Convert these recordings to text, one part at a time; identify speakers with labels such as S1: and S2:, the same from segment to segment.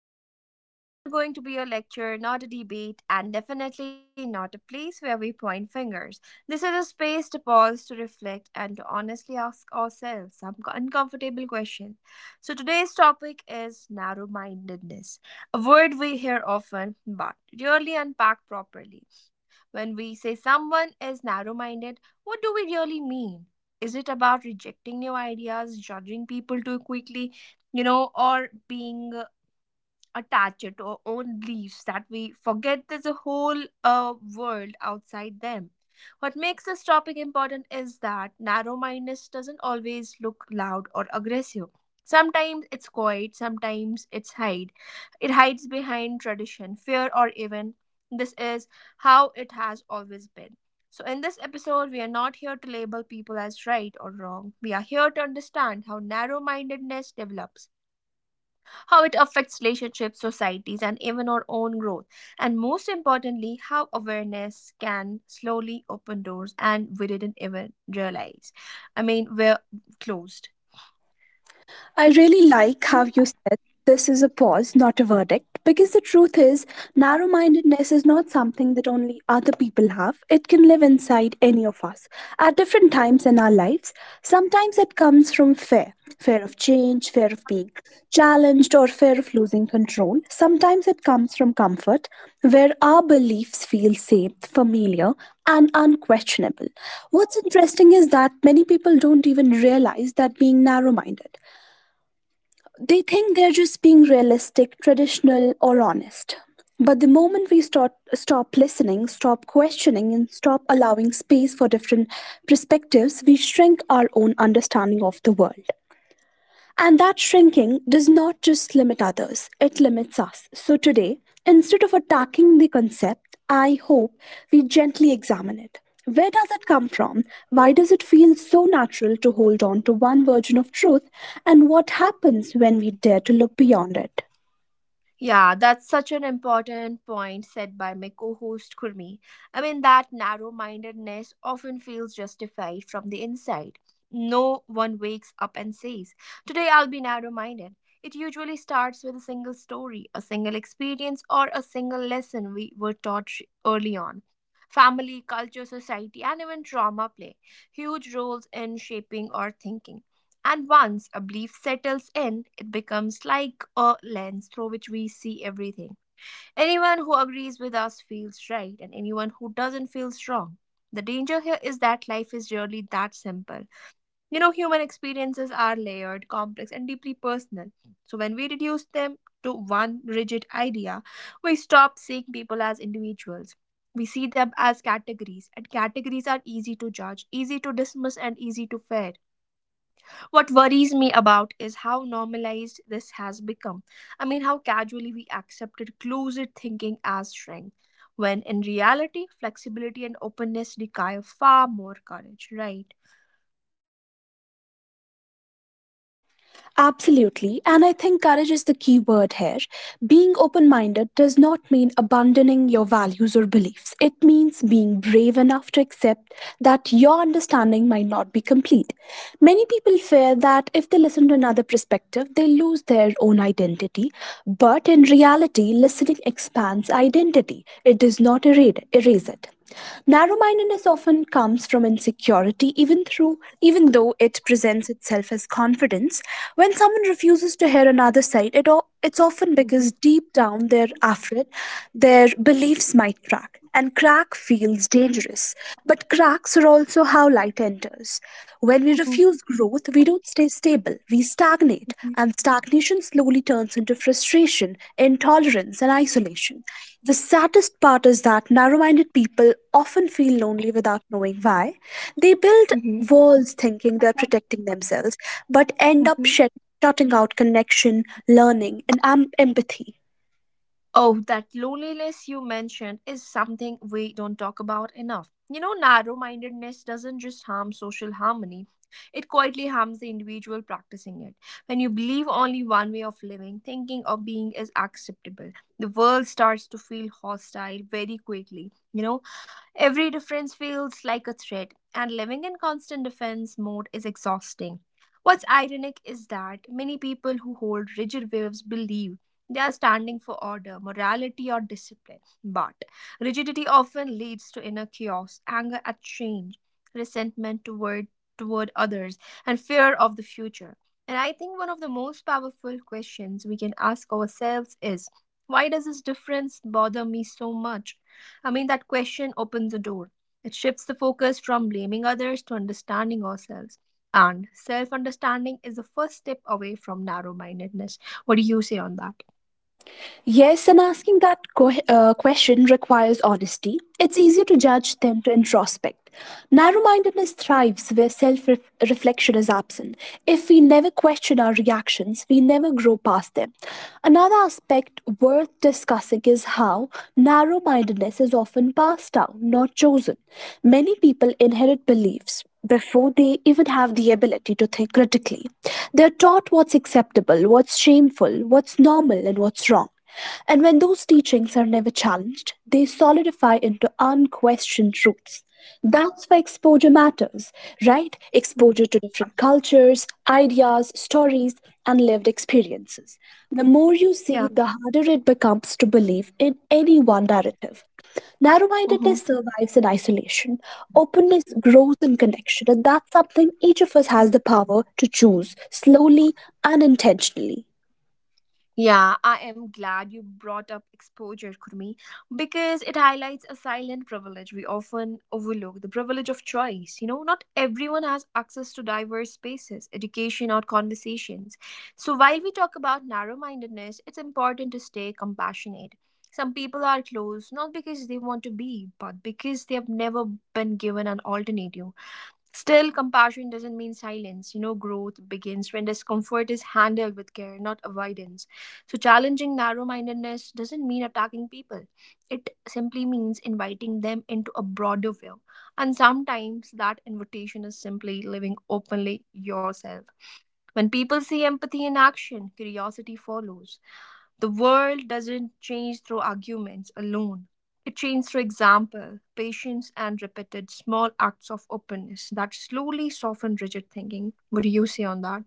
S1: conversation. This is not going to be a lecture, not a debate, and definitely not a place where we point fingers. This is a space to pause, to reflect, and to honestly ask ourselves some uncomfortable questions. So, today's topic is narrow mindedness, a word we hear often but rarely unpack properly. When we say someone is narrow minded, what do we really mean? Is it about rejecting new ideas, judging people too quickly, you know, or being attached to our own beliefs that we forget there's a whole world outside them? What makes this topic important is that narrow mindedness doesn't always look loud or aggressive. Sometimes it's quiet, sometimes it's hide. It hides behind tradition, fear, or even this is how it has always been. So, in this episode, we are not here to label people as right or wrong. We are here to understand how narrow mindedness develops, how it affects relationships, societies, and even our own growth. And most importantly, how awareness can slowly open doors and we didn't even realize. I mean, we're closed.
S2: I really like how you said this is a pause, not a verdict, because the truth is, narrow mindedness is not something that only other people have. It can live inside any of us at different times in our lives. Sometimes it comes from fear fear of change, fear of being challenged, or fear of losing control. Sometimes it comes from comfort, where our beliefs feel safe, familiar, and unquestionable. What's interesting is that many people don't even realize that being narrow minded. They think they're just being realistic, traditional, or honest. But the moment we start, stop listening, stop questioning, and stop allowing space for different perspectives, we shrink our own understanding of the world. And that shrinking does not just limit others, it limits us. So today, instead of attacking the concept, I hope we gently examine it. Where does it come from? Why does it feel so natural to hold on to one version of truth? And what happens when we dare to look beyond it?
S1: Yeah, that's such an important point said by my co host Kurmi. I mean, that narrow mindedness often feels justified from the inside. No one wakes up and says, "Today I'll be narrow minded." It usually starts with a single story, a single experience, or a single lesson we were taught early on. Family, culture, society, and even trauma play huge roles in shaping our thinking. And once a belief settles in, it becomes like a lens through which we see everything. Anyone who agrees with us feels right, and anyone who doesn't feels wrong. The danger here is that life is really that simple. You know, human experiences are layered, complex, and deeply personal. So when we reduce them to one rigid idea, we stop seeing people as individuals. We see them as categories, and categories are easy to judge, easy to dismiss, and easy to fear. What worries me about is how normalized this has become. I mean, how casually we accepted closet thinking as strength, when in reality, flexibility and openness require far more courage, right?
S2: Absolutely. And I think courage is the key word here. Being open minded does not mean abandoning your values or beliefs. It means being brave enough to accept that your understanding might not be complete. Many people fear that if they listen to another perspective, they lose their own identity. But in reality, listening expands identity, it does not erase it. Narrow mindedness often comes from insecurity, even though it presents itself as confidence. When someone refuses to hear another side, it's often
S1: Hmm.
S2: because deep down they're after it, their beliefs might crack. And crack feels dangerous. But cracks are also how light enters. When we
S1: Hmm.
S2: refuse growth, we don't stay stable, we stagnate, and stagnation slowly turns into frustration, intolerance, and isolation. The saddest part is that narrow minded people often feel lonely without knowing why. They build walls thinking they're protecting themselves, but end up
S1: Hmm.
S2: shutting out connection, learning, and empathy.
S1: Oh, that loneliness you mentioned is something we don't talk about enough. You know, narrow mindedness doesn't just harm social harmony, it quietly harms the individual practicing it. When you believe only one way of living, thinking, or being is acceptable, the world starts to feel hostile very quickly. You know, every difference feels like a threat, and living in constant defense mode is exhausting. What's ironic is that many people who hold rigid views believe they are standing for order, morality, or discipline, but rigidity often leads to inner chaos, anger at change, resentment toward others, and fear of the future. And I think one of the most powerful questions we can ask ourselves is, why does this difference bother me so much? I mean, that question opens a door. It shifts the focus from blaming others to understanding ourselves. And self understanding is the first step away from narrow mindedness. What do you say on that?
S2: Yes, and asking that question requires honesty. It's easier to judge than to introspect. Narrow mindedness thrives where self reflection is absent. If we never question our reactions, we never grow past them. Another aspect worth discussing is how narrow mindedness is often passed down, not chosen. Many people inherit beliefs before they even have the ability to think critically. They're taught what's acceptable, what's shameful, what's normal, and what's wrong. And when those teachings are never challenged, they solidify into unquestioned truths. That's why exposure matters, right? Exposure to different cultures, ideas, stories, and lived experiences. The more you
S1: Yeah.
S2: see, the harder it becomes to believe in any one narrative. Narrow
S1: Mm-hmm.
S2: mindedness survives in isolation, openness grows in connection, and that's something each of us has the power to choose slowly and intentionally.
S1: Yeah, I am glad you brought up exposure, Kurmi, because it highlights a silent privilege we often overlook, the privilege of choice. You know, not everyone has access to diverse spaces, education, or conversations. So, while we talk about narrow mindedness, it's important to stay compassionate. Some people are closed not because they want to be, but because they have never been given an alternative. Still, compassion doesn't mean silence. You know, growth begins when discomfort is handled with care, not avoidance. So, challenging narrow mindedness doesn't mean attacking people, it simply means inviting them into a broader view. And sometimes that invitation is simply living openly yourself. When people see empathy in action, curiosity follows. The world doesn't change through arguments alone. It changes through example, patience, and repeated small acts of openness that slowly soften rigid thinking. What do you say on that?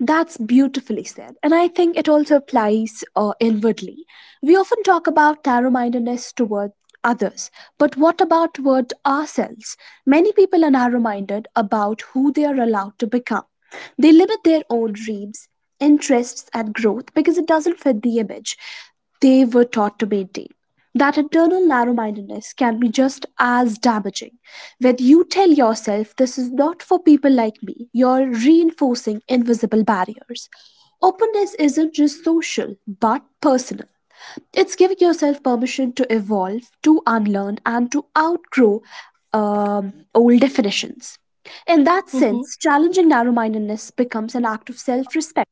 S2: That's beautifully said. And I think it also applies inwardly. We often talk about narrow mindedness toward others, but what about toward ourselves? Many people are narrow minded about who they are allowed to become. They limit their own dreams, interests, and growth because it doesn't fit the image they were taught to maintain. That internal narrow mindedness can be just as damaging. When you tell yourself, "This is not for people like me," you're reinforcing invisible barriers. Openness isn't just social, but personal. It's giving yourself permission to evolve, to unlearn, and to outgrow old definitions. In that sense, challenging narrow mindedness becomes an act of self respect.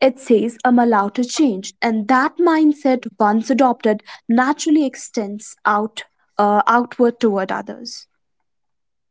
S2: It says, "I'm allowed to change." And that mindset, once adopted, naturally extends outward toward others.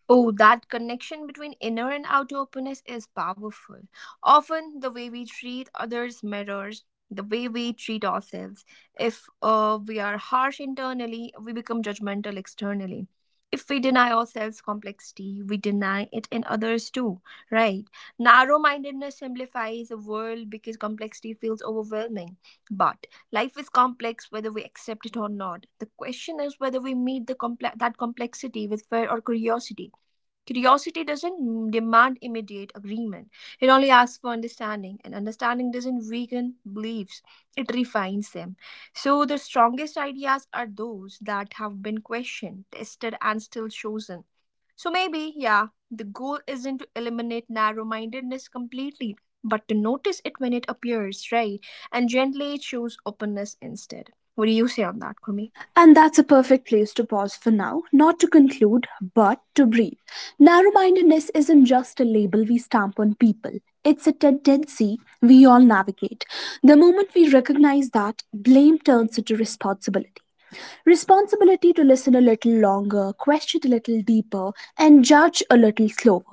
S1: Oh, that connection between inner and outer openness is powerful. Often, the way we treat others mirrors the way we treat ourselves. If we are harsh internally, we become judgmental externally. If we deny ourselves complexity, we deny it in others too, right? Narrow mindedness simplifies the world because complexity feels overwhelming. But life is complex whether we accept it or not. The question is whether we meet that complexity with fear or curiosity. Curiosity doesn't demand immediate agreement. It only asks for understanding, and understanding doesn't weaken beliefs, it refines them. So, the strongest ideas are those that have been questioned, tested, and still chosen. So, maybe, yeah, the goal isn't to eliminate narrow mindedness completely, but to notice it when it appears, right? And gently choose openness instead. What do you say on that, Kumi?
S2: And that's a perfect place to pause for now, not to conclude, but to breathe. Narrow mindedness isn't just a label we stamp on people, it's a tendency we all navigate. The moment we recognize that, blame turns into responsibility responsibility to listen a little longer, question a little deeper, and judge a little slower.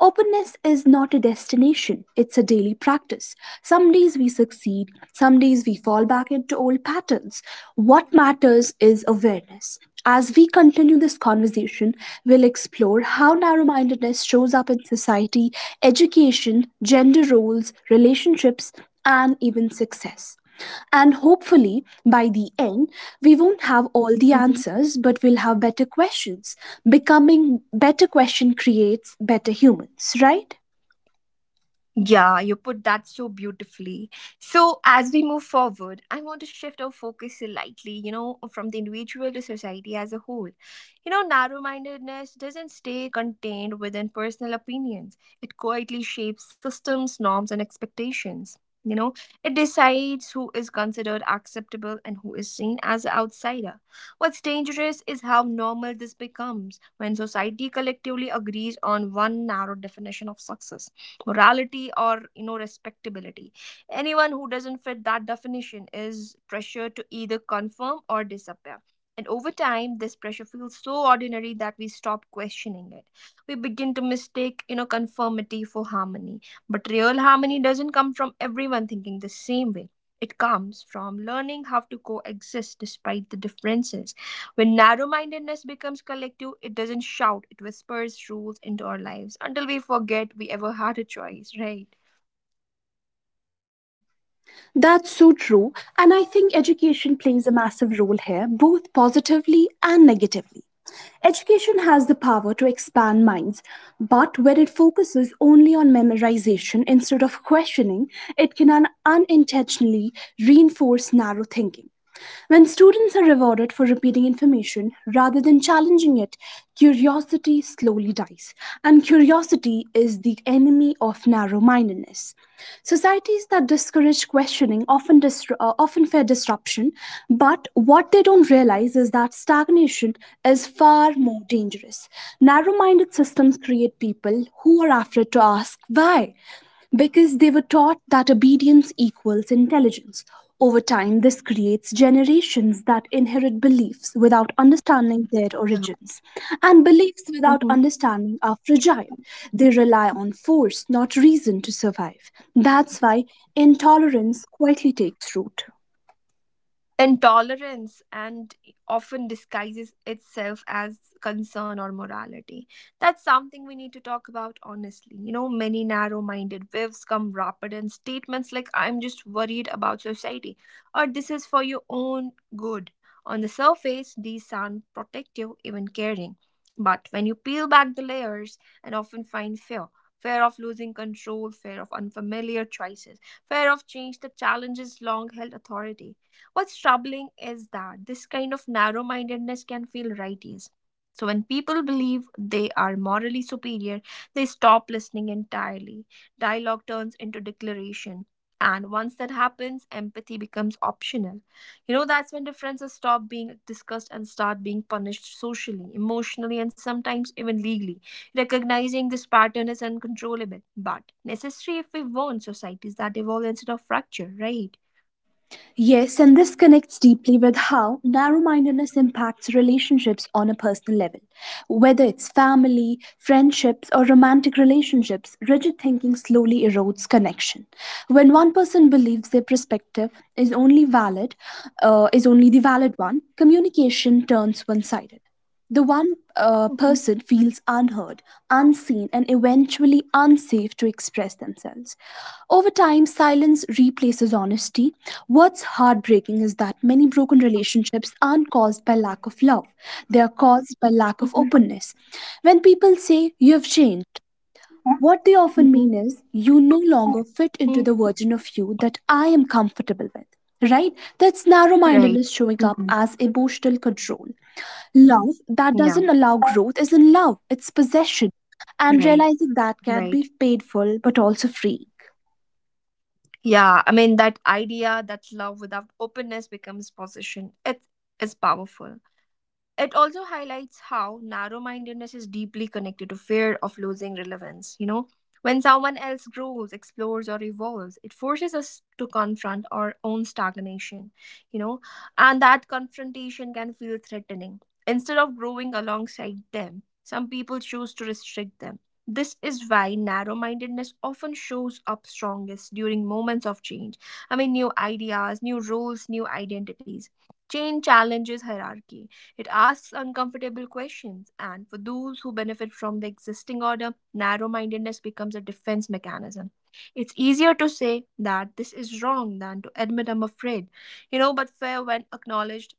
S2: Openness is not a destination, it's a daily practice. Some days we succeed, some days we fall back into old patterns. What matters is awareness. As we continue this conversation, we'll explore how narrow mindedness shows up in society, education, gender roles, relationships, and even success. And hopefully, by the end, we won't have all the
S1: Uh huh.
S2: answers, but we'll have better questions. Becoming better question creates better humans, right?
S1: Yeah, you put that so beautifully. So, as we move forward, I want to shift our focus slightly, you know, from the individual to society as a whole. You know, narrow mindedness doesn't stay contained within personal opinions, it quietly shapes systems, norms, and expectations. You know, it decides who is considered acceptable and who is seen as an outsider. What's dangerous is how normal this becomes. When society collectively agrees on one narrow definition of success, morality, or you know, respectability, anyone who doesn't fit that definition is pressured to either confirm or disappear. And over time this pressure feels so ordinary that we stop questioning it. We begin to mistake, you know, conformity for harmony. But real harmony doesn't come from everyone thinking the same way, it comes from learning how to coexist despite the differences. When narrow mindedness becomes collective, it doesn't shout, it whispers rules into our lives until we forget we ever had a choice, right?
S2: That's so true. And I think education plays a massive role here, both positively and negatively. Education has the power to expand minds, but when it focuses only on memorization instead of questioning, it can unintentionally reinforce narrow thinking. When students are rewarded for repeating information rather than challenging it, curiosity slowly dies. And curiosity is the enemy of narrow mindedness. Societies that discourage questioning often, often fear disruption, but what they don't realize is that stagnation is far more dangerous. Narrow minded systems create people who are afraid to ask why because they were taught that obedience equals intelligence. Over time, this creates generations that inherit beliefs without understanding their
S1: Yeah.
S2: origins. And beliefs without understanding are fragile. They rely on force, not reason, to survive. That's why intolerance quietly takes root.
S1: Intolerance and often disguises itself as concern or morality. That's something we need to talk about honestly. You know, many narrow minded whiffs come wrapped in statements like, "I'm just worried about society," or "this is for your own good." On the surface, these sound protective, even caring. But when you peel back the layers and often find fear, fear of losing control, fear of unfamiliar choices, fear of change that challenges long held authority. What's troubling is that this kind of narrow mindedness can feel righteous. So, when people believe they are morally superior, they stop listening entirely. Dialogue turns into declaration. And once that happens, empathy becomes optional. You know, that's when differences stop being discussed and start being punished socially, emotionally, and sometimes even legally. Recognizing this pattern is uncontrollable, but necessary if we want societies that evolve instead of fracture, right?
S2: Yes, and this connects deeply with how narrow mindedness impacts relationships on a personal level. Whether it's family, friendships, or romantic relationships, rigid thinking slowly erodes connection. When one person believes their perspective is only valid, is only the valid one, communication turns one sided. The one
S1: Mhm,
S2: person feels unheard, unseen, and eventually unsafe to express themselves. Over time, silence replaces honesty. What's heartbreaking is that many broken relationships aren't caused by lack of love, they are caused by lack of
S1: mhm,
S2: openness. When people say, "You've changed," what they often mean
S1: mhm.
S2: is, "You no longer fit into
S1: Mm.
S2: the version of you that I am comfortable with." Right? That's narrow
S1: Right.
S2: mindedness showing up
S1: Mhm.
S2: as emotional control. Love that
S1: Yeah.
S2: doesn't allow growth isn't love, it's possession. And
S1: Right.
S2: realizing that can
S1: Right.
S2: be painful but also freeing.
S1: Yeah. I mean, that idea that love without openness becomes possession. It is powerful. It also highlights how narrow mindedness is deeply connected to fear of losing relevance. You know, when someone else grows, explores, or evolves, it forces us to confront our own stagnation, you know, and that confrontation can feel threatening. Instead of growing alongside them, some people choose to restrict them. This is why narrow mindedness often shows up strongest during moments of change. I mean, new ideas, new roles, new identities. Change challenges hierarchy, it asks uncomfortable questions, and for those who benefit from the existing order, narrow mindedness becomes a defense mechanism. It's easier to say that this is wrong than to admit I'm afraid, you know, but fear, when acknowledged,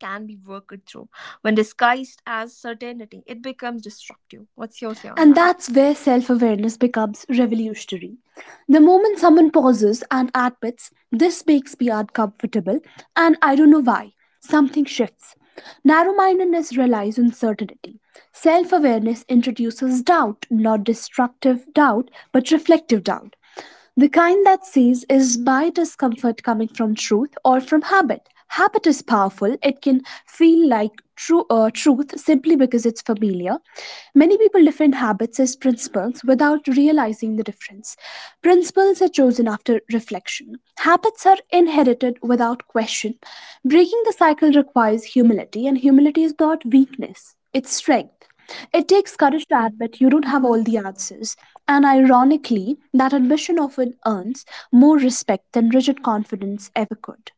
S1: can be worked through. When disguised as certainty, it becomes destructive. What's your say on
S2: And
S1: that?
S2: that's where self awareness becomes revolutionary. The moment someone pauses and admits, "This makes me uncomfortable, and I don't know why," something shifts. Narrow mindedness relies on certainty. Self awareness introduces doubt, not destructive doubt, but reflective doubt. The kind that says, is my discomfort coming from truth or from habit? Habit is powerful. It can feel like true truth simply because it's familiar. Many people define habits as principles without realizing the difference. Principles are chosen after reflection. Habits are inherited without question. Breaking the cycle requires humility, and humility is not weakness, it's strength. It takes courage to admit you don't have all the answers, and ironically, that admission often earns more respect than rigid confidence ever could.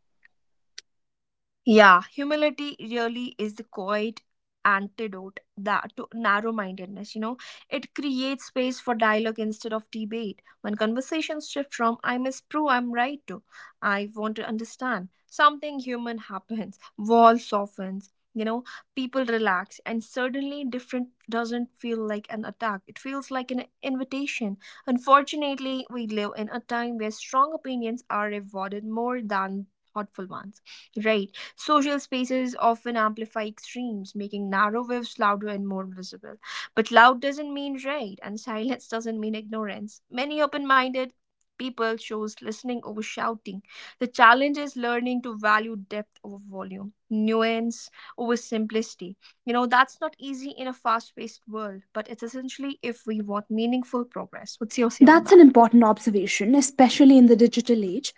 S1: Yeah, humility really is the quiet antidote that to narrow-mindedness. You know, it creates space for dialogue instead of debate. When conversations shift from "I must prove I'm right" to "I want to understand," something human happens. Wall softens. You know, people relax, and suddenly different doesn't feel like an attack. It feels like an invitation. Unfortunately, we live in a time where strong opinions are rewarded more than thoughtful ones, right? Social spaces often amplify extremes, making narrow waves louder and more visible. But loud doesn't mean right, and silence doesn't mean ignorance. Many open minded people chose listening over shouting. The challenge is learning to value depth over volume, nuance over simplicity. You know, that's not easy in a fast paced world, but it's essentially if we want meaningful progress. What's your say on
S2: That's an
S1: that?
S2: important observation, especially in the digital age.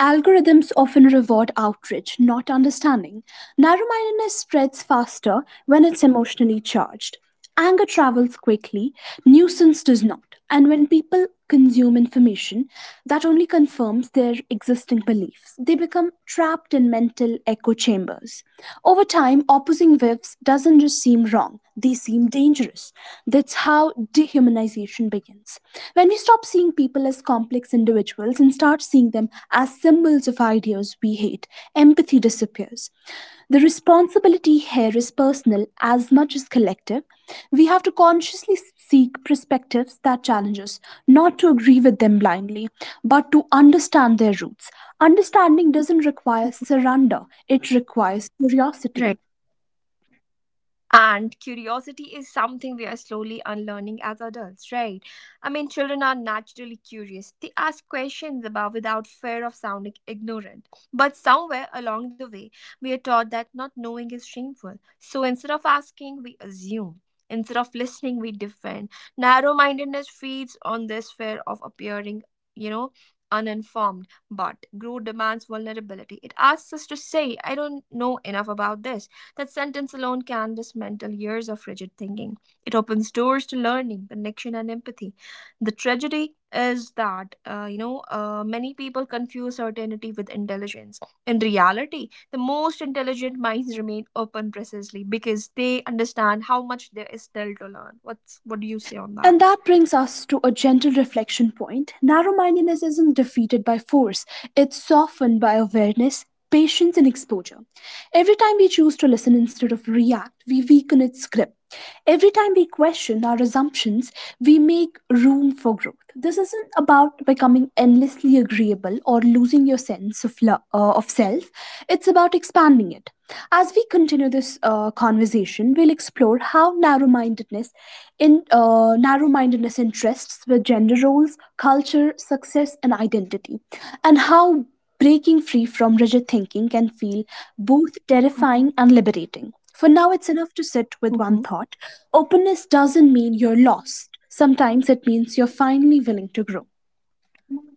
S2: Algorithms often reward outrage, not understanding. Narrow mindedness spreads faster when it's emotionally charged. Anger travels quickly, nuisance does not. And when people consume information, that only confirms their existing beliefs. They become trapped in mental echo chambers. Over time, opposing views doesn't just seem wrong, they seem dangerous. That's how dehumanization begins. When we stop seeing people as complex individuals and start seeing them as symbols of ideas we hate, empathy disappears. The responsibility here is personal as much as collective. We have to consciously seek perspectives that challenge us, not to agree with them blindly, but to understand their roots. Understanding doesn't require
S1: Mhm.
S2: surrender, it requires curiosity.
S1: Right. And curiosity is something we are slowly unlearning as adults, right? I mean, children are naturally curious. They ask questions about without fear of sounding ignorant. But somewhere along the way, we are taught that not knowing is shameful. So instead of asking, we assume. Instead of listening, we defend. Narrow mindedness feeds on this fear of appearing, you know, uninformed. But growth demands vulnerability. It asks us to say, I don't know enough about this, that sentence alone can dismantle years of rigid thinking. It opens doors to learning, connection, and empathy. The tragedy is that, many people confuse certainty with intelligence. In reality, the most intelligent minds remain open precisely because they understand how much there is still to learn. What do you say on that?
S2: And that brings us to a gentle reflection point. Narrow mindedness isn't defeated by force, it's softened by awareness, patience, and exposure. Every time we choose to listen instead of react, we weaken its grip. Every time we question our assumptions, we make room for growth. This isn't about becoming endlessly agreeable or losing your sense of, of self, it's about expanding it doing it. As we continue this conversation, we'll explore how narrow-mindedness interests with gender roles, culture, success, and identity, and how breaking free from rigid thinking can feel both
S1: Hmm.
S2: terrifying and liberating. For now, it's enough to sit with one thought: openness doesn't mean you're lost. Sometimes it means you're finally willing to grow.
S1: Hmm.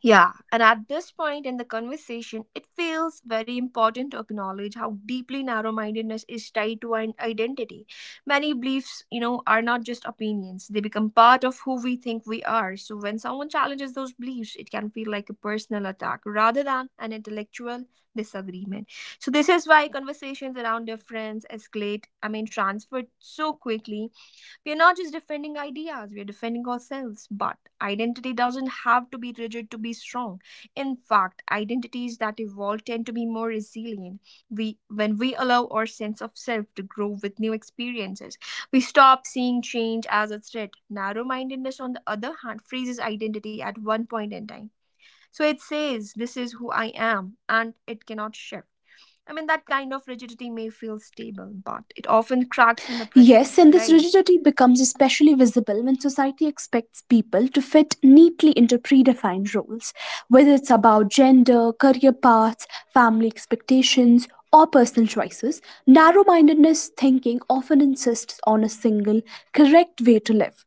S1: Yeah, and at this point in the conversation, it feels very important to acknowledge how deeply narrow mindedness is tied to an identity. Many beliefs, you know, are not just opinions, they become part of who we think we are. So when someone challenges those beliefs, it can feel like a personal attack rather than an intellectual disagreement. So this is why conversations around difference escalate, I mean, transferred so quickly, we're not just defending ideas, we're defending ourselves. But identity doesn't have to be rigid to be strong. In fact, identities that evolve tend to be more resilient. When we allow our sense of self to grow with new experiences, we stop seeing change as a threat. Narrow mindedness, on the other hand, freezes identity at one point in time. So it says, this is who I am, and it cannot shift. I mean, that kind of rigidity may feel stable, but it often cracks under pressure,
S2: Yes, and this
S1: right?
S2: rigidity becomes especially visible when society expects people to fit neatly into predefined roles, whether it's about gender, career paths, family expectations, or personal choices. Narrow mindedness thinking often insists exists on a single, correct way to live.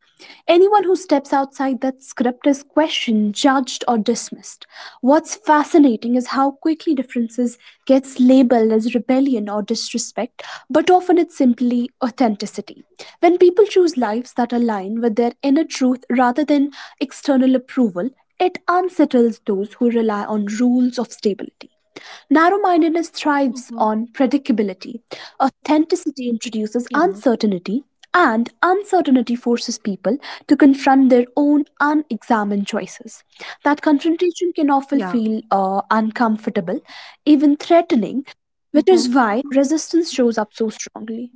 S2: Anyone who steps outside that script is questioned, judged, or dismissed. What's fascinating is how quickly differences gets labeled as rebellion or disrespect, but often it's simply authenticity. When people choose lives that align with their inner truth rather than external approval, it unsettles those who rely on rules of stability. Narrow mindedness thrives
S1: Mhm.
S2: on predictability. Authenticity introduces
S1: Yeah.
S2: uncertainty, and uncertainty forces people to confront their own unexamined choices. That confrontation can often
S1: Yeah.
S2: feel uncomfortable, even threatening, which
S1: Mhm.
S2: is why resistance shows up so strongly.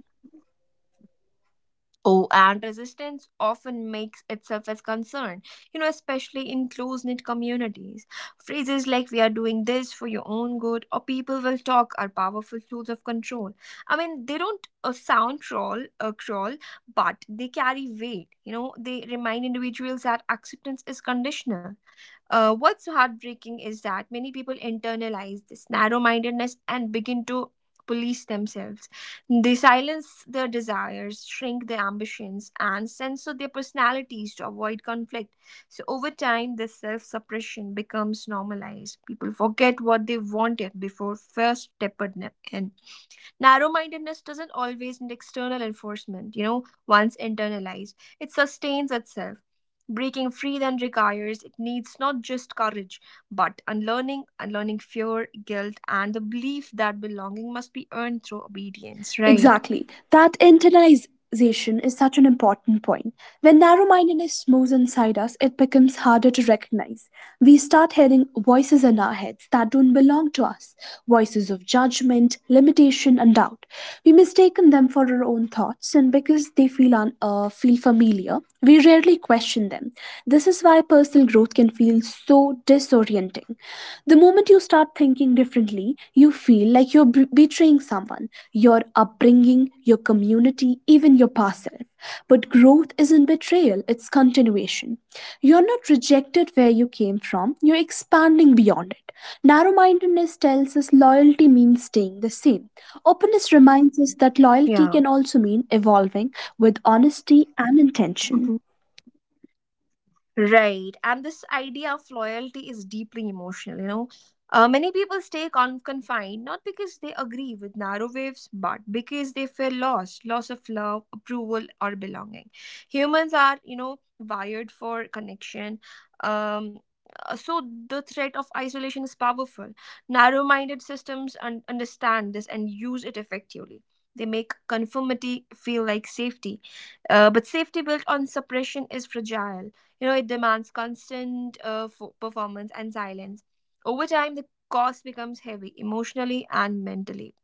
S1: Oh, and resistance often makes itself as concern, you know, especially in close knit communities. Phrases like, we are doing this for your own good, or people will talk, are powerful tools of control. I mean, they don't sound troll, crawl, but they carry weight. You know, they remind individuals that acceptance is conditional. What's heartbreaking is that many people internalize this narrow mindedness and begin to police themselves. They silence their desires, shrink their ambitions, and censor their personalities to avoid conflict. So, over time, this self suppression becomes normalized. People forget what they wanted before first stepped in. Narrow mindedness doesn't always need external enforcement, you know, once internalized, it sustains itself. Breaking free then requires it needs not just courage, but unlearning, unlearning fear, guilt, and the belief that belonging must be earned through obedience, right?
S2: Exactly. That internalization is such an important point. When narrow mindedness moves inside us, it becomes harder to recognize. We start hearing voices in our heads that don't belong to us, voices of judgment, limitation, and doubt. We mistaken them for our own thoughts, and because they feel, feel familiar, we rarely question them. This is why personal growth can feel so disorienting. The moment you start thinking differently, you feel like you're betraying someone, your upbringing, your community, even your past self. But growth isn't betrayal, it's continuation. You're not rejected where you came from, you're expanding beyond it. Narrow mindedness tells us loyalty means staying the same. Openness reminds us that loyalty
S1: Yeah.
S2: can also mean evolving with honesty and intention.
S1: Right. And this idea of loyalty is deeply emotional, you know. Many people stay confined not because they agree with narrow waves, but because they feel lost loss of love, approval, or belonging. Humans are, you know, wired for connection. Um, so the threat of isolation is powerful. Narrow minded systems understand this and use it effectively. They make conformity feel like safety. But safety built on suppression is fragile, you know, it demands constant performance and silence. Over time, the cost becomes heavy emotionally and mentally.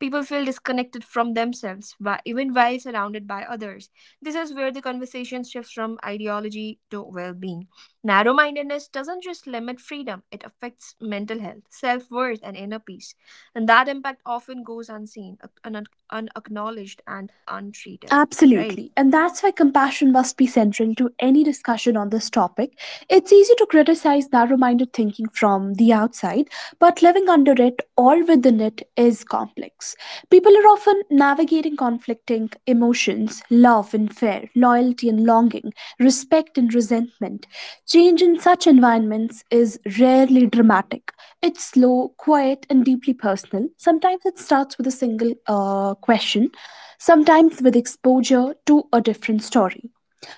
S1: People feel disconnected from themselves, even while surrounded by others. This is where the conversation shifts from ideology to well being. Narrow mindedness doesn't just limit freedom, it affects mental health, self worth, and inner peace. And that impact often goes unseen, unacknowledged, and untreated.
S2: Absolutely.
S1: Right?
S2: And that's why compassion must be central to any discussion on this topic. It's easy to criticize narrow minded thinking from the outside, but living under it or within it is complex. People are often navigating conflicting emotions, love and fear, loyalty and longing, respect and resentment. Change in such environments is rarely dramatic. It's slow, quiet, and deeply personal. Sometimes it starts with a single question, sometimes with exposure to a different story,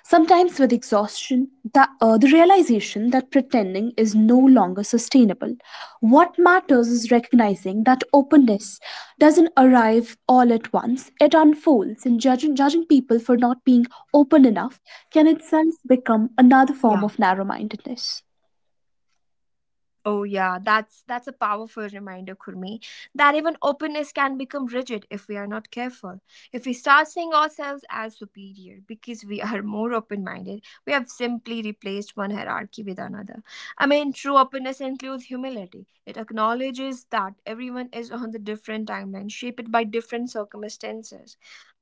S2: sometimes with exhaustion, the realization that pretending is no longer sustainable. What matters is recognizing that openness doesn't arrive all at once, it unfolds, and judging people for not being open enough can itself become another form
S1: Yeah.
S2: of narrow mindedness.
S1: Oh yeah, that's a powerful reminder, Kurmi, that even openness can become rigid if we are not careful. If we start seeing ourselves as superior because we are more open-minded, we have simply replaced one hierarchy with another. I mean, true openness includes humility. It acknowledges that everyone is on the different timeline, shaped by different circumstances.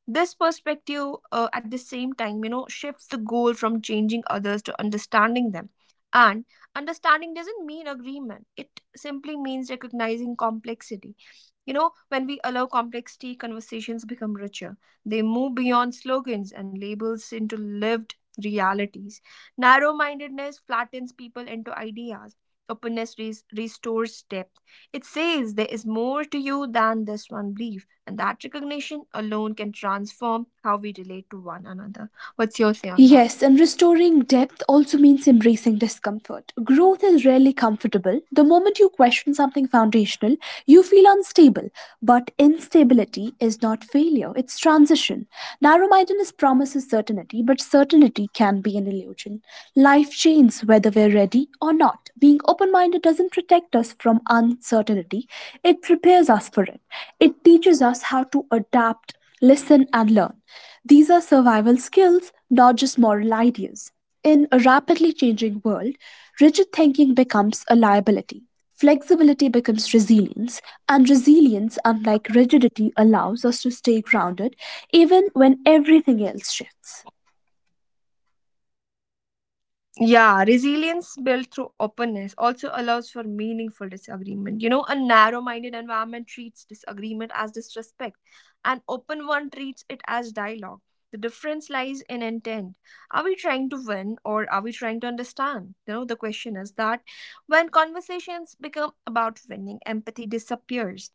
S1: This perspective, at the same time, you know, shifts the goal from changing others to understanding them. And understanding doesn't mean agreement, it simply means recognizing complexity. You know, when we allow complexity, conversations become richer. They move beyond slogans and labels into lived realities. Narrow mindedness flattens people into ideas. Openness restores depth. It says there is more to you than this one belief, and that recognition alone can transform how we relate to one another. What's your say on that?
S2: Yes, and restoring depth also means embracing discomfort. Growth is rarely comfortable. The moment you question something foundational, you feel unstable. But instability is not failure, it's transition. Narrow mindedness promises certainty, but certainty can be an illusion. Life changes whether we're ready or not. Being open minded doesn't protect us from uncertainty, it prepares us for it. It teaches us how to adapt, listen, and learn. These are survival skills, not just moral ideas. In a rapidly changing world, rigid thinking becomes a liability. Flexibility becomes resilience, and resilience, unlike rigidity, allows us to stay grounded even when everything else shifts.
S1: Yeah, resilience built through openness also allows for meaningful disagreement. You know, a narrow minded environment treats disagreement as disrespect, an open one treats it as dialogue. The difference lies in intent. Are we trying to win or are we trying to understand? You know, the question is that when conversations become about winning, empathy disappears.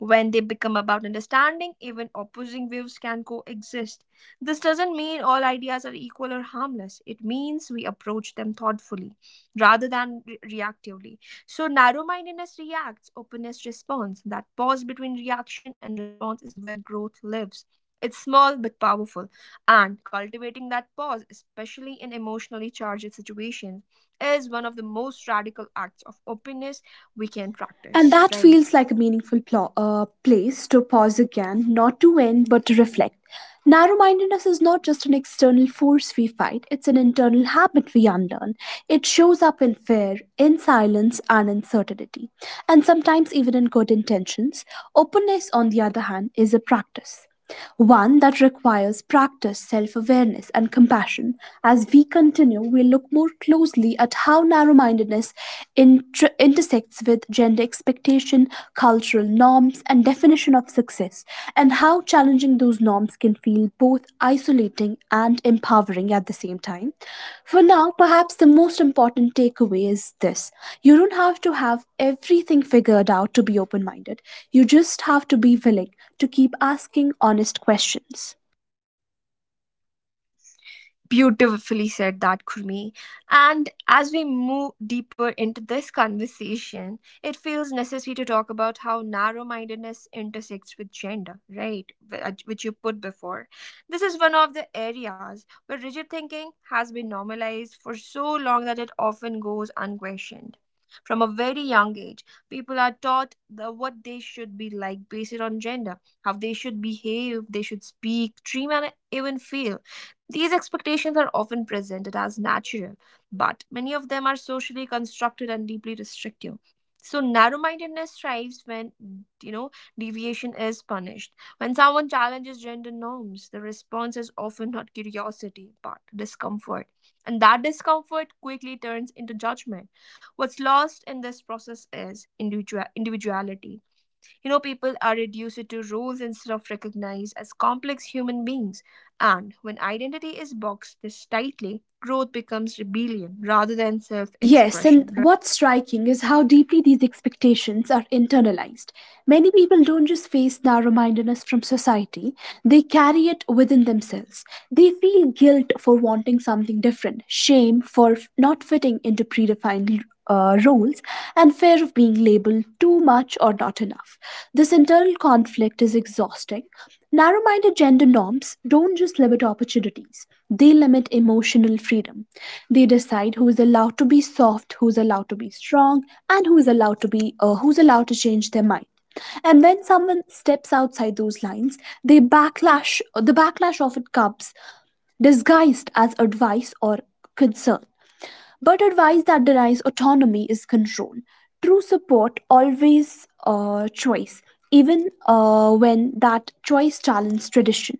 S1: When they become about understanding, even opposing views can coexist. This doesn't mean all ideas are equal or harmless. It means we approach them thoughtfully rather than reactively. So, narrow mindedness reacts, openness responds. That pause between reaction and response is where growth lives. It's small but powerful, and cultivating that pause, especially in emotionally charged situations, is one of the most radical acts of openness we can
S2: And
S1: practice,
S2: that
S1: right?
S2: feels like a meaningful place to pause again, not to end, but to reflect. Narrow mindedness is not just an external force we fight, it's an internal habit we unlearn. It shows up in fear, in silence, and uncertainty, and sometimes even in good intentions. Openness, on the other hand, is a practice, one that requires practice, self awareness, and compassion. As we continue, we will look more closely at how narrow mindedness intersects with gender expectation, cultural norms, and definition of success, and how challenging those norms can feel both isolating and empowering at the same time. For now, perhaps the most important takeaway is this: you don't have to have everything figured out to be open minded, you just have to be willing to keep asking honest questions.
S1: Beautifully said that, Kurmi. And as we move deeper into this conversation, it feels necessary to talk about how narrow mindedness intersects with gender, right? Which you put before. This is one of the areas where rigid thinking has been normalized for so long that it often goes unquestioned. From a very young age, people are taught the, what they should be like based on gender, how they should behave, they should speak, dream, and even feel, these expectations are often presented as natural, but many of them are socially constructed and deeply restrictive. So narrow-mindedness thrives when, you know, deviation is punished. When someone challenges gender norms, the response is often not curiosity but discomfort. And that discomfort quickly turns into judgment. What's lost in this process is individuality, you know, people are reduced to roles instead of recognized as complex human beings. And when identity is boxed this tightly, growth becomes rebellion rather than self
S2: Yes, and
S1: expression, right?
S2: what's striking is how deeply these expectations are internalized. Many people don't just face narrow mindedness from society, they carry it within themselves. They feel guilt for wanting something different, shame for not fitting into predefined roles, and fear of being labeled too much or not enough. This internal conflict is exhausting. Narrow minded gender norms don't just limit opportunities, they limit emotional freedom. They decide who is allowed to be soft, who is allowed to be strong, and who is allowed to be who's allowed to change their mind. And when someone steps outside those lines, the backlash often comes disguised as advice or concern, but advice that denies autonomy is control. True support always choice, even when that choice challenges tradition.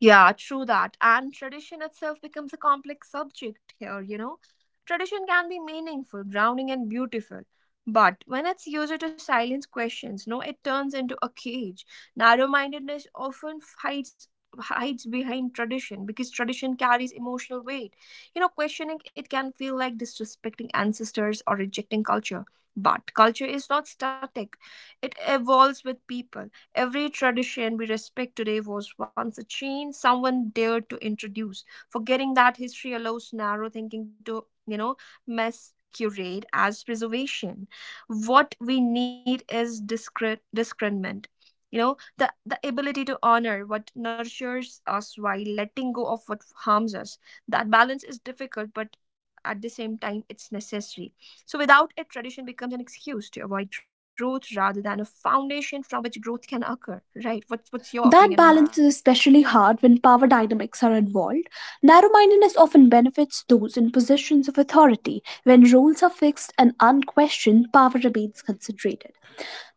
S1: Yeah, true that. And tradition itself becomes a complex subject here, you know. Tradition can be meaningful, grounding, and beautiful. But when it's used to silence questions, no, it turns into a cage. Narrow mindedness often hides behind tradition because tradition carries emotional weight. You know, questioning it can feel like disrespecting ancestors or rejecting culture. But culture is not static, it evolves with people. Every tradition we respect today was once a change someone dared to introduce, forgetting that history allows narrow thinking to, you know, masquerade as preservation. What we need is discernment. You know, the ability to honor what nurtures us while letting go of what harms us. That balance is difficult, but at the same time, it's necessary, so, without it, tradition becomes an excuse to avoid growth rather than a foundation from which growth can occur, right? What's
S2: That
S1: your
S2: balance
S1: opinion
S2: is
S1: on that?
S2: especially hard when power dynamics are involved. Narrow mindedness often benefits those in positions of authority. When roles are fixed and unquestioned, power remains concentrated.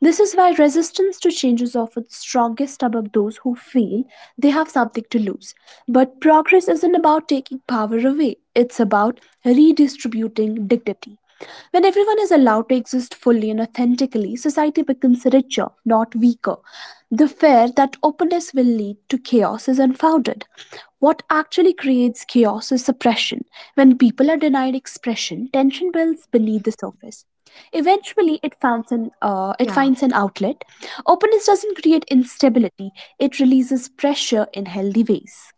S2: This is why resistance to change is often strongest among those who feel they have something to lose. But progress isn't about taking power away, it's about redistributing dignity. When everyone is allowed to exist fully and authentically, society becomes richer, not weaker. The fear that openness will lead to chaos is unfounded. What actually creates chaos is suppression. When people are denied expression, tension builds beneath the surface. Eventually, it
S1: Yeah.
S2: finds an outlet. Openness doesn't create instability; it releases pressure in healthy ways.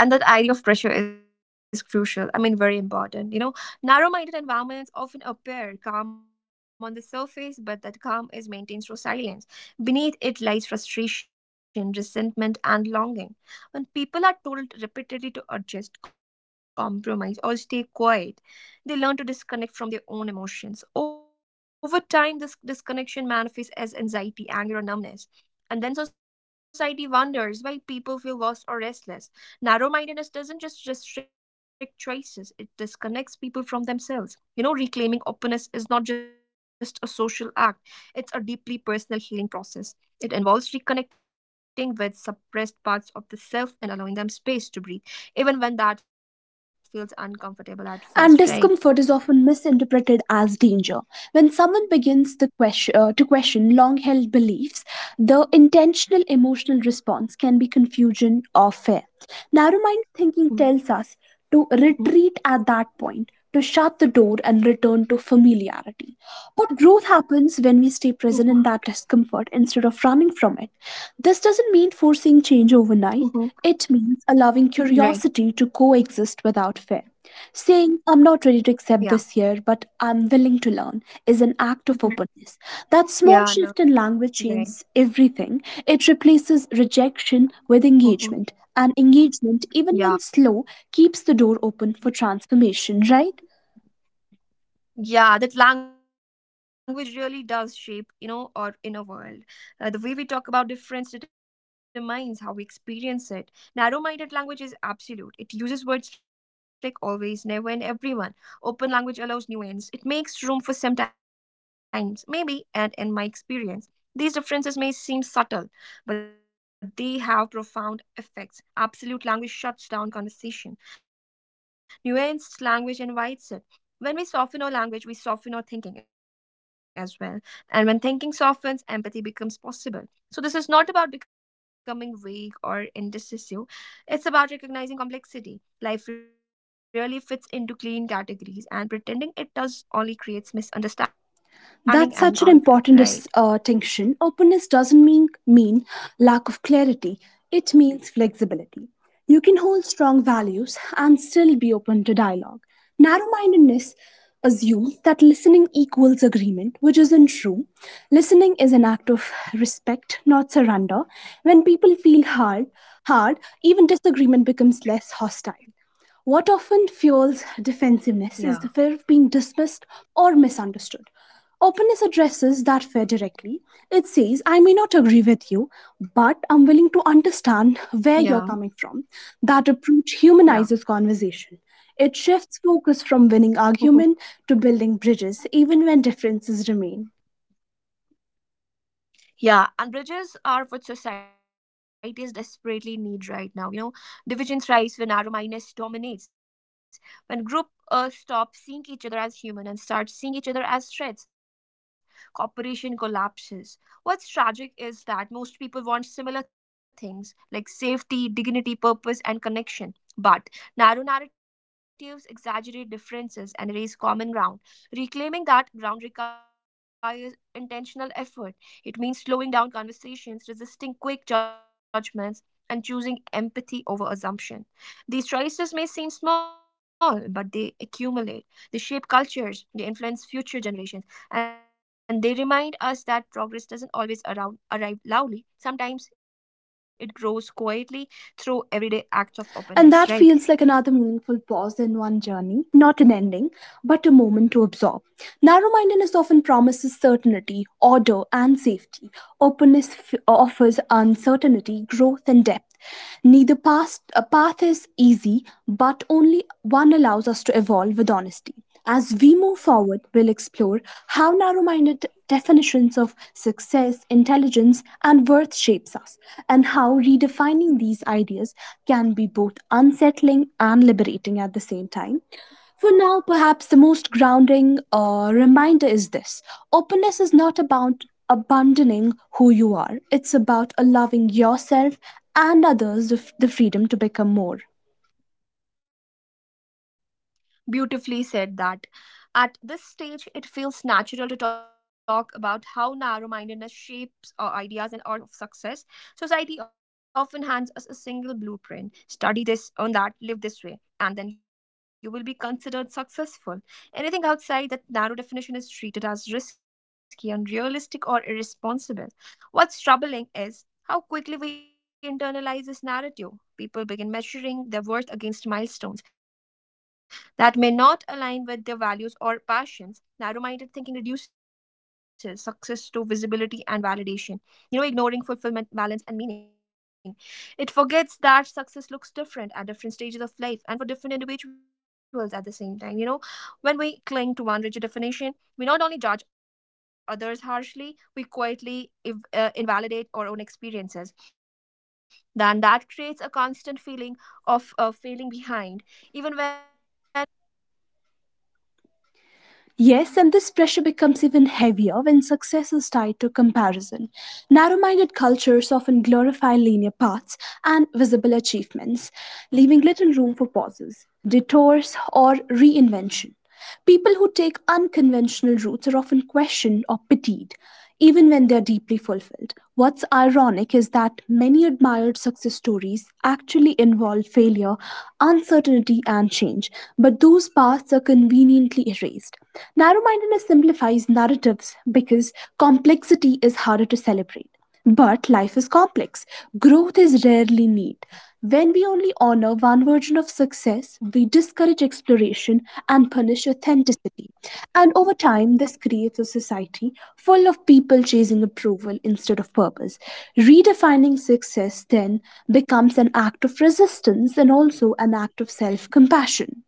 S1: Yeah, and that idea of pressure is crucial. I mean, very important. You know, narrow minded environments often appear calm on the surface, but that calm is maintained through silence. Beneath it lies frustration, resentment, and longing. When people are told repeatedly to adjust, compromise, or stay quiet, they learn to disconnect from their own emotions. Over time, this disconnection manifests as anxiety, anger, or numbness. And then society wonders why people feel lost or restless. Narrow mindedness doesn't just restrict choices, it disconnects people from themselves. You know, reclaiming openness is not just a social act, it's a deeply personal healing process. It involves reconnecting with suppressed parts of the self and allowing them space to breathe, even when that feels uncomfortable at first,
S2: And
S1: right?
S2: discomfort is often misinterpreted as danger. When someone begins to question long held beliefs, the intentional emotional response can be confusion or fear. Narrow mind thinking tells us to
S1: Hmm.
S2: retreat at that point, to shut the door and return to familiarity. But growth happens when we stay present in that discomfort instead of running from it. This doesn't mean forcing change overnight,
S1: Hmm.
S2: it means allowing curiosity to
S1: Right.
S2: coexist without fear. Saying, "I'm not ready to accept this
S1: Yeah.
S2: here, but I'm willing to learn," is an act
S1: Mhm.
S2: of openness. That
S1: Yeah,
S2: small
S1: I
S2: shift
S1: know.
S2: in language changes
S1: Right.
S2: everything. It replaces rejection with
S1: Hmm.
S2: engagement, and engagement, even when slow,
S1: Yeah.
S2: keeps the door open for transformation, right?
S1: Yeah, that language really does shape, you know, our inner world. The way we talk about difference determines how we experience it. Narrow minded language is absolute, it uses words like always, never, and everyone. Open language allows nuance, it makes room for sometimes, maybe, and in my experience. These differences may seem subtle, but they have profound effects. Absolute language shuts down conversation. Nuanced language invites it. When we soften our language, we soften our thinking as well. And when thinking softens, empathy becomes possible. So, this is not about becoming vague or indecisive, it's about recognizing complexity. Life really fits into clean categories, and pretending it does only creates misunderstanding
S2: That's
S1: and
S2: such an
S1: conflict,
S2: important
S1: right?
S2: distinction. Openness doesn't mean lack of clarity, it means flexibility. You can hold strong values and still be open to dialogue. Narrow mindedness assumes that listening equals agreement, which isn't true. Listening is an act of respect, not surrender. When people feel hard, even disagreement becomes less hostile. What often fuels defensiveness is
S1: Yeah.
S2: the fear of being dismissed or misunderstood. Openness addresses that fear directly. It says, "I may not agree with you, but I'm willing to understand where you're
S1: Yeah,
S2: coming from." That approach humanizes conversation.
S1: yeah.
S2: It shifts focus from winning argument to building bridges, even when differences remain.
S1: Yeah, and bridges are what societies desperately need right now. You know, division thrives when narrow mindedness dominates, when group stop seeing each other as human and start seeing each other as threats, cooperation collapses. What's tragic is that most people want similar things like safety, dignity, purpose, and connection. But narrow narratives exaggerate differences and erase common ground. Reclaiming that ground requires intentional effort, it means slowing down conversations, resisting quick judgments, and choosing empathy over assumption. These choices may seem small, but they accumulate. They shape cultures, they influence future generations, and they remind us that progress doesn't arrive loudly. Sometimes it grows quietly through everyday acts of
S2: And that feels
S1: openness,
S2: like
S1: right?
S2: another meaningful pause in one journey, not an ending, but a moment to absorb. Narrow mindedness often promises certainty, order, and safety. Openness offers uncertainty, growth, and depth. Neither past, a path is easy, but only one allows us to evolve with honesty. As we move forward, we'll explore how narrow minded definitions of success, intelligence, and worth shapes us, and how redefining these ideas can be both unsettling and liberating at the same time. For now, perhaps the most grounding reminder is this: openness is not about abandoning who you are, it's about allowing yourself and others the freedom to become more.
S1: Beautifully said that. At this stage, it feels natural to talk about how narrow mindedness shapes our ideas and our of success. Society often hands us a single blueprint: study this, earn that, live this way, and then you will be considered successful. Anything outside that narrow definition is treated as risky, unrealistic, or irresponsible. What's troubling is how quickly we internalize this narrative. People begin measuring their worth against milestones that may not align with their values or passions. Narrow minded thinking reduces success to visibility and validation, ignoring fulfillment, balance, and meaning. It forgets that success looks different at different stages of life and for different individuals at the same time. You know, when we cling to one rigid definition, we not only judge others harshly, we quietly if, invalidate our own experiences. Then that creates a constant feeling of failing behind even when we are moving forward in our own way.
S2: Yes, and this pressure becomes even heavier when success is tied to comparison. Narrow minded cultures often glorify linear paths and visible achievements, leaving little room for pauses, detours, or reinvention. People who take unconventional routes are often questioned or pitied, even when they are deeply fulfilled. What's ironic is that many admired success stories actually involve failure, uncertainty, and change, but those paths are conveniently erased. Narrow mindedness simplifies narratives because complexity is harder to celebrate. But life is complex. Growth is rarely neat. When we only honor one version of success, we discourage exploration and punish authenticity. And over time, this creates a society full of people chasing approval instead of purpose. Redefining success then becomes an act of resistance and also an act of self compassion.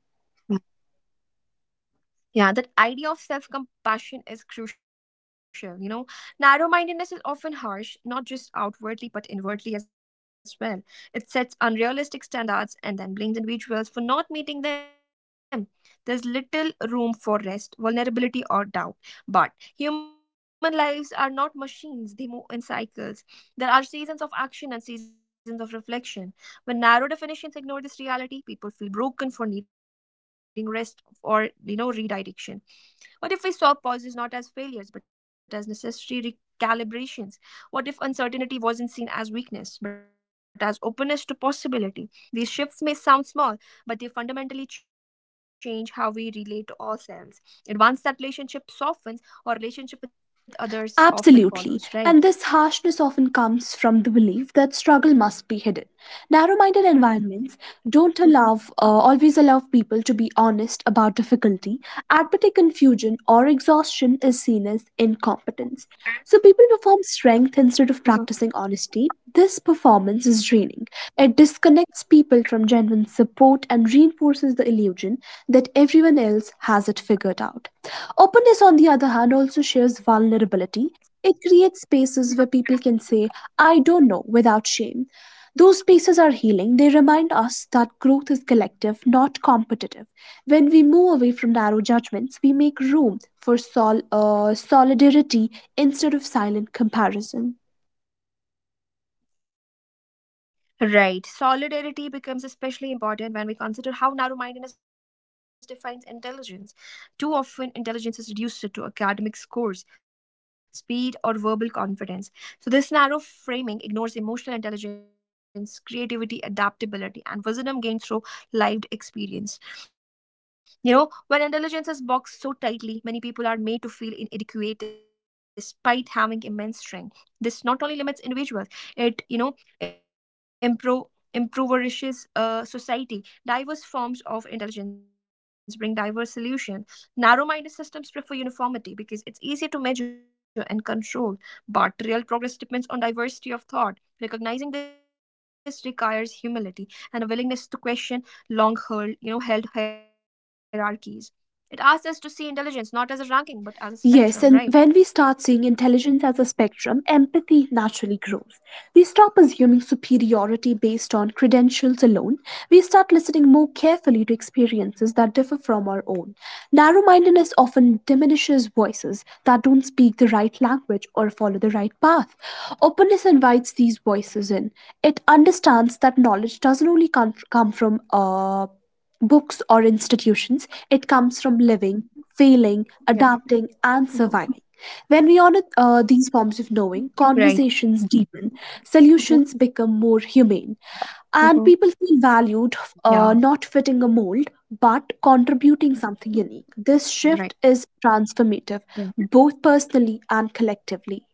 S1: Yeah, that idea of self compassion is crucial. You know, narrow mindedness is often harsh, not just outwardly, but inwardly as well. It sets unrealistic standards and then blames individuals for not meeting them. There's little room for rest, vulnerability, or doubt. But human lives are not machines, they move in cycles. There are seasons of action and seasons of reflection. When narrow definitions ignore this reality, people feel broken for needing rest or redirection. What if we saw pauses not as failures but as necessary recalibrations? What if uncertainty wasn't seen as weakness but as openness to possibility? These shifts may sound small, but they fundamentally change how we relate to ourselves, and once that relationship softens, our relationship with others often
S2: Absolutely.
S1: follows,
S2: And
S1: right?
S2: this harshness often comes from the belief that struggle must be hidden. Narrow minded environments don't always allow people to be honest about difficulty. Admitting confusion or exhaustion is seen as incompetence. So people perform strength instead of practicing honesty. This performance is draining. It disconnects people from genuine support and reinforces the illusion that everyone else has it figured out. Openness, on the other hand, also shares vulnerability. It creates spaces where people can say, "I don't know," without shame. Those spaces are healing. They remind us that growth is collective, not competitive. When we move away from narrow judgments, we make room for solidarity instead of silent comparison.
S1: Right. Solidarity becomes especially important when we consider how narrow mindedness defines intelligence. Too often, intelligence is reduced to academic scores, speed, or verbal confidence. So, this narrow framing ignores emotional intelligence, creativity, adaptability, and wisdom gained through lived experience. You know, when intelligence is boxed so tightly, many people are made to feel inadequate despite having immense strength. This not only limits individuals, it, impro- impoverishes society. Diverse forms of intelligence bring diverse solutions. Narrow minded systems prefer uniformity because it's easier to measure and control, but real progress depends on diversity of thought. Recognizing this requires humility and a willingness to question long held, you know, held hierarchies. It asks us to see intelligence not as a ranking but as a
S2: Yes, and
S1: spectrum,
S2: when we
S1: right?
S2: start seeing intelligence as a spectrum, empathy naturally grows. We stop assuming superiority based on credentials alone. We start listening more carefully to experiences that differ from our own. Narrow mindedness often diminishes voices that don't speak the right language or follow the right path. Openness invites these voices in. It understands that knowledge doesn't only come from books or institutions, it comes from living, failing,
S1: Yeah.
S2: adapting, and surviving. When
S1: Mhm.
S2: we honor these forms of knowing,
S1: Right.
S2: conversations deepen, solutions become
S1: Mhm.
S2: more humane,
S1: Mhm.
S2: and people feel valued, not
S1: Yeah.
S2: fitting a mold, but contributing something unique. This
S1: Right.
S2: shift is transformative, both
S1: Right.
S2: personally and collectively.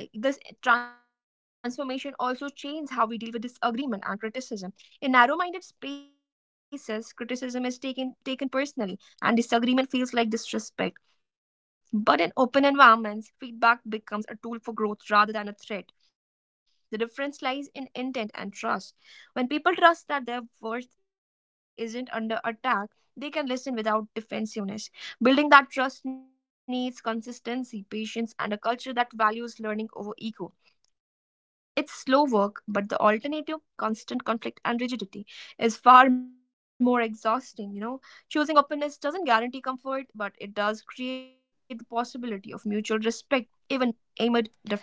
S1: Yeah, this transformation also changes how we deal with disagreement and criticism. In narrow-minded spaces, criticism is taken personally, and disagreement feels like disrespect. But in open environments, feedback becomes a tool for growth rather than a threat. The difference lies in intent and trust. When people trust that their worth isn't under attack, they can listen without defensiveness. Building that trust needs consistency, patience, and a culture that values learning over ego. It's slow work, but the alternative, constant conflict and rigidity, is far more exhausting. You know, choosing openness doesn't guarantee comfort, but it does create the possibility of mutual respect, even amid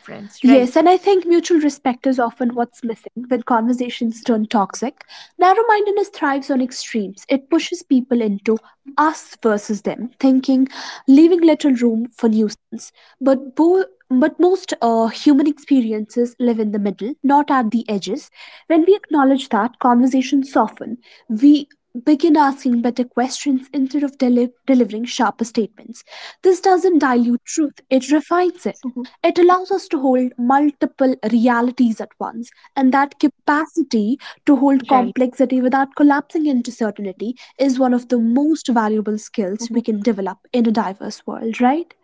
S2: Yes,
S1: difference,
S2: and I
S1: right?
S2: think mutual respect is often what's missing when conversations turn toxic. Narrow mindedness thrives on extremes, it pushes people into us versus them, thinking, leaving little room for nuisance. But, bo- but most human experiences live in the middle, not at the edges. When we acknowledge that, conversations soften. We begin asking better questions instead of delivering sharper statements. This doesn't dilute truth, it refines it.
S1: Mhm.
S2: It allows us to hold multiple realities at once, and that capacity to hold complexity
S1: Right.
S2: without collapsing into certainty is one of the most valuable skills we can develop in a diverse world, right?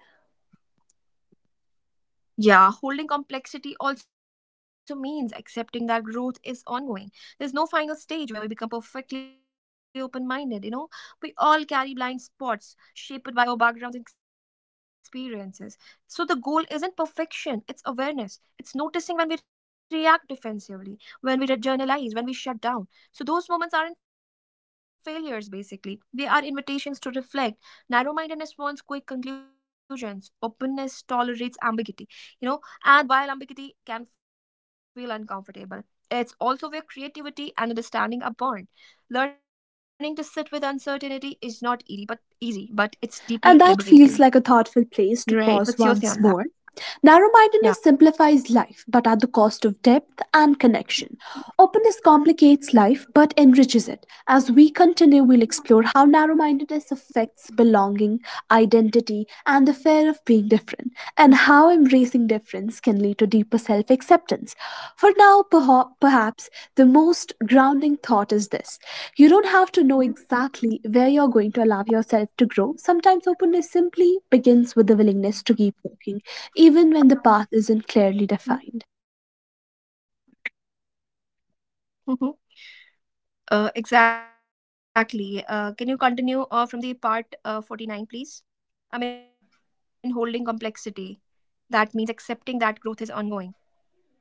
S1: Yeah, holding complexity also means accepting that growth is ongoing. There's no final stage where we become perfectly open minded, you know? We all carry blind spots shaped by our backgrounds and experiences. So the goal isn't perfection, it's awareness. It's noticing when we react defensively, when we journalize, when we shut down. So those moments aren't failures, basically. They are invitations to reflect. Narrow mindedness wants quick conclusions, openness tolerates ambiguity, you know and while ambiguity can feel uncomfortable, it's also where creativity and understanding are born. Learning to sit with uncertainty is not easy, but it's
S2: And that
S1: deeply
S2: feels like a
S1: liberating,
S2: thoughtful place to
S1: right?
S2: pause
S1: What's your say
S2: once
S1: on that?
S2: more. Narrow mindedness
S1: Yeah.
S2: simplifies life, but at the cost of depth and connection. Openness complicates life, but enriches it. As we continue, we'll explore how narrow mindedness affects belonging, identity, and the fear of being different, and how embracing difference can lead to deeper self acceptance. For now, perhaps the most grounding thought is this: you don't have to know exactly where you're going to allow yourself to grow. Sometimes openness simply begins with the willingness to keep walking, even when the path isn't clearly defined.
S1: Mm-hmm. Exactly. Can you continue from the part 49, please? I mean, holding complexity, that means accepting that growth is ongoing.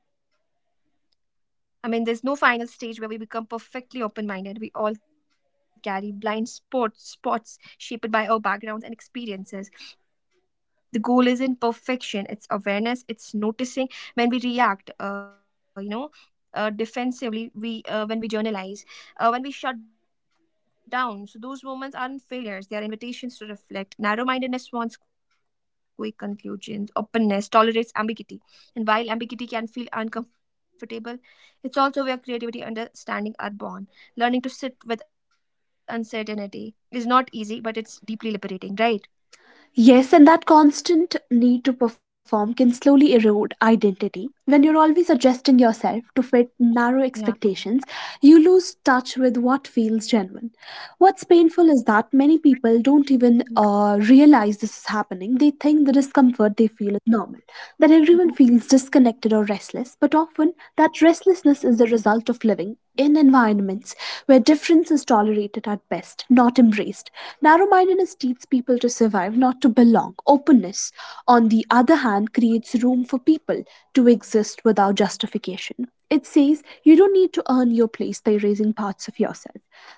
S1: I mean, there's no final stage where we become perfectly open minded. We all carry blind spots shaped by our backgrounds and experiences. The goal isn't perfection, it's awareness, it's noticing when we react, defensively. We When we journalize, when we shut down. So those moments aren't failures, they are invitations to reflect. Narrow-mindedness wants quick conclusions, openness tolerates ambiguity, and while ambiguity can feel uncomfortable, it's also where creativity and understanding are born. Learning to sit with uncertainty is not easy, but it's deeply liberating, right?
S2: Yes, and that constant need to perform can slowly erode identity. When you're always adjusting yourself to fit narrow
S1: Yeah.
S2: expectations, you lose touch with what feels genuine. What's painful is that many people don't even
S1: Mhm.
S2: realize this is happening. They think the discomfort they feel is normal, that everyone feels
S1: Mhm.
S2: disconnected or restless, but often that restlessness is the result of living in environments where difference is tolerated at best, not embraced. Narrow mindedness teaches people to survive, not to belong. Openness, on the other hand, creates room for people to exist without justification. It says you don't need to earn your place by raising parts of yourself.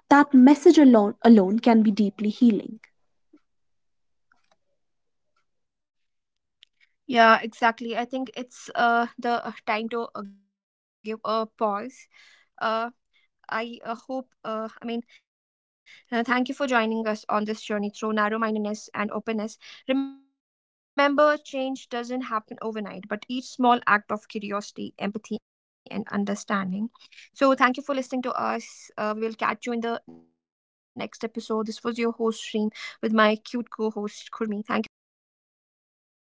S2: That message alone, can be deeply healing.
S1: Yeah, exactly. I think it's the time to give a pause. Uh I hope, thank you for joining us on this journey through narrow mindedness and openness. Remember, change doesn't happen overnight, but each small act of curiosity, empathy, and understanding. So, thank you for listening to us. We will catch you in the next episode. This was your host, Shreem, with my cute co host, Kurmi. Thank you for listening to us.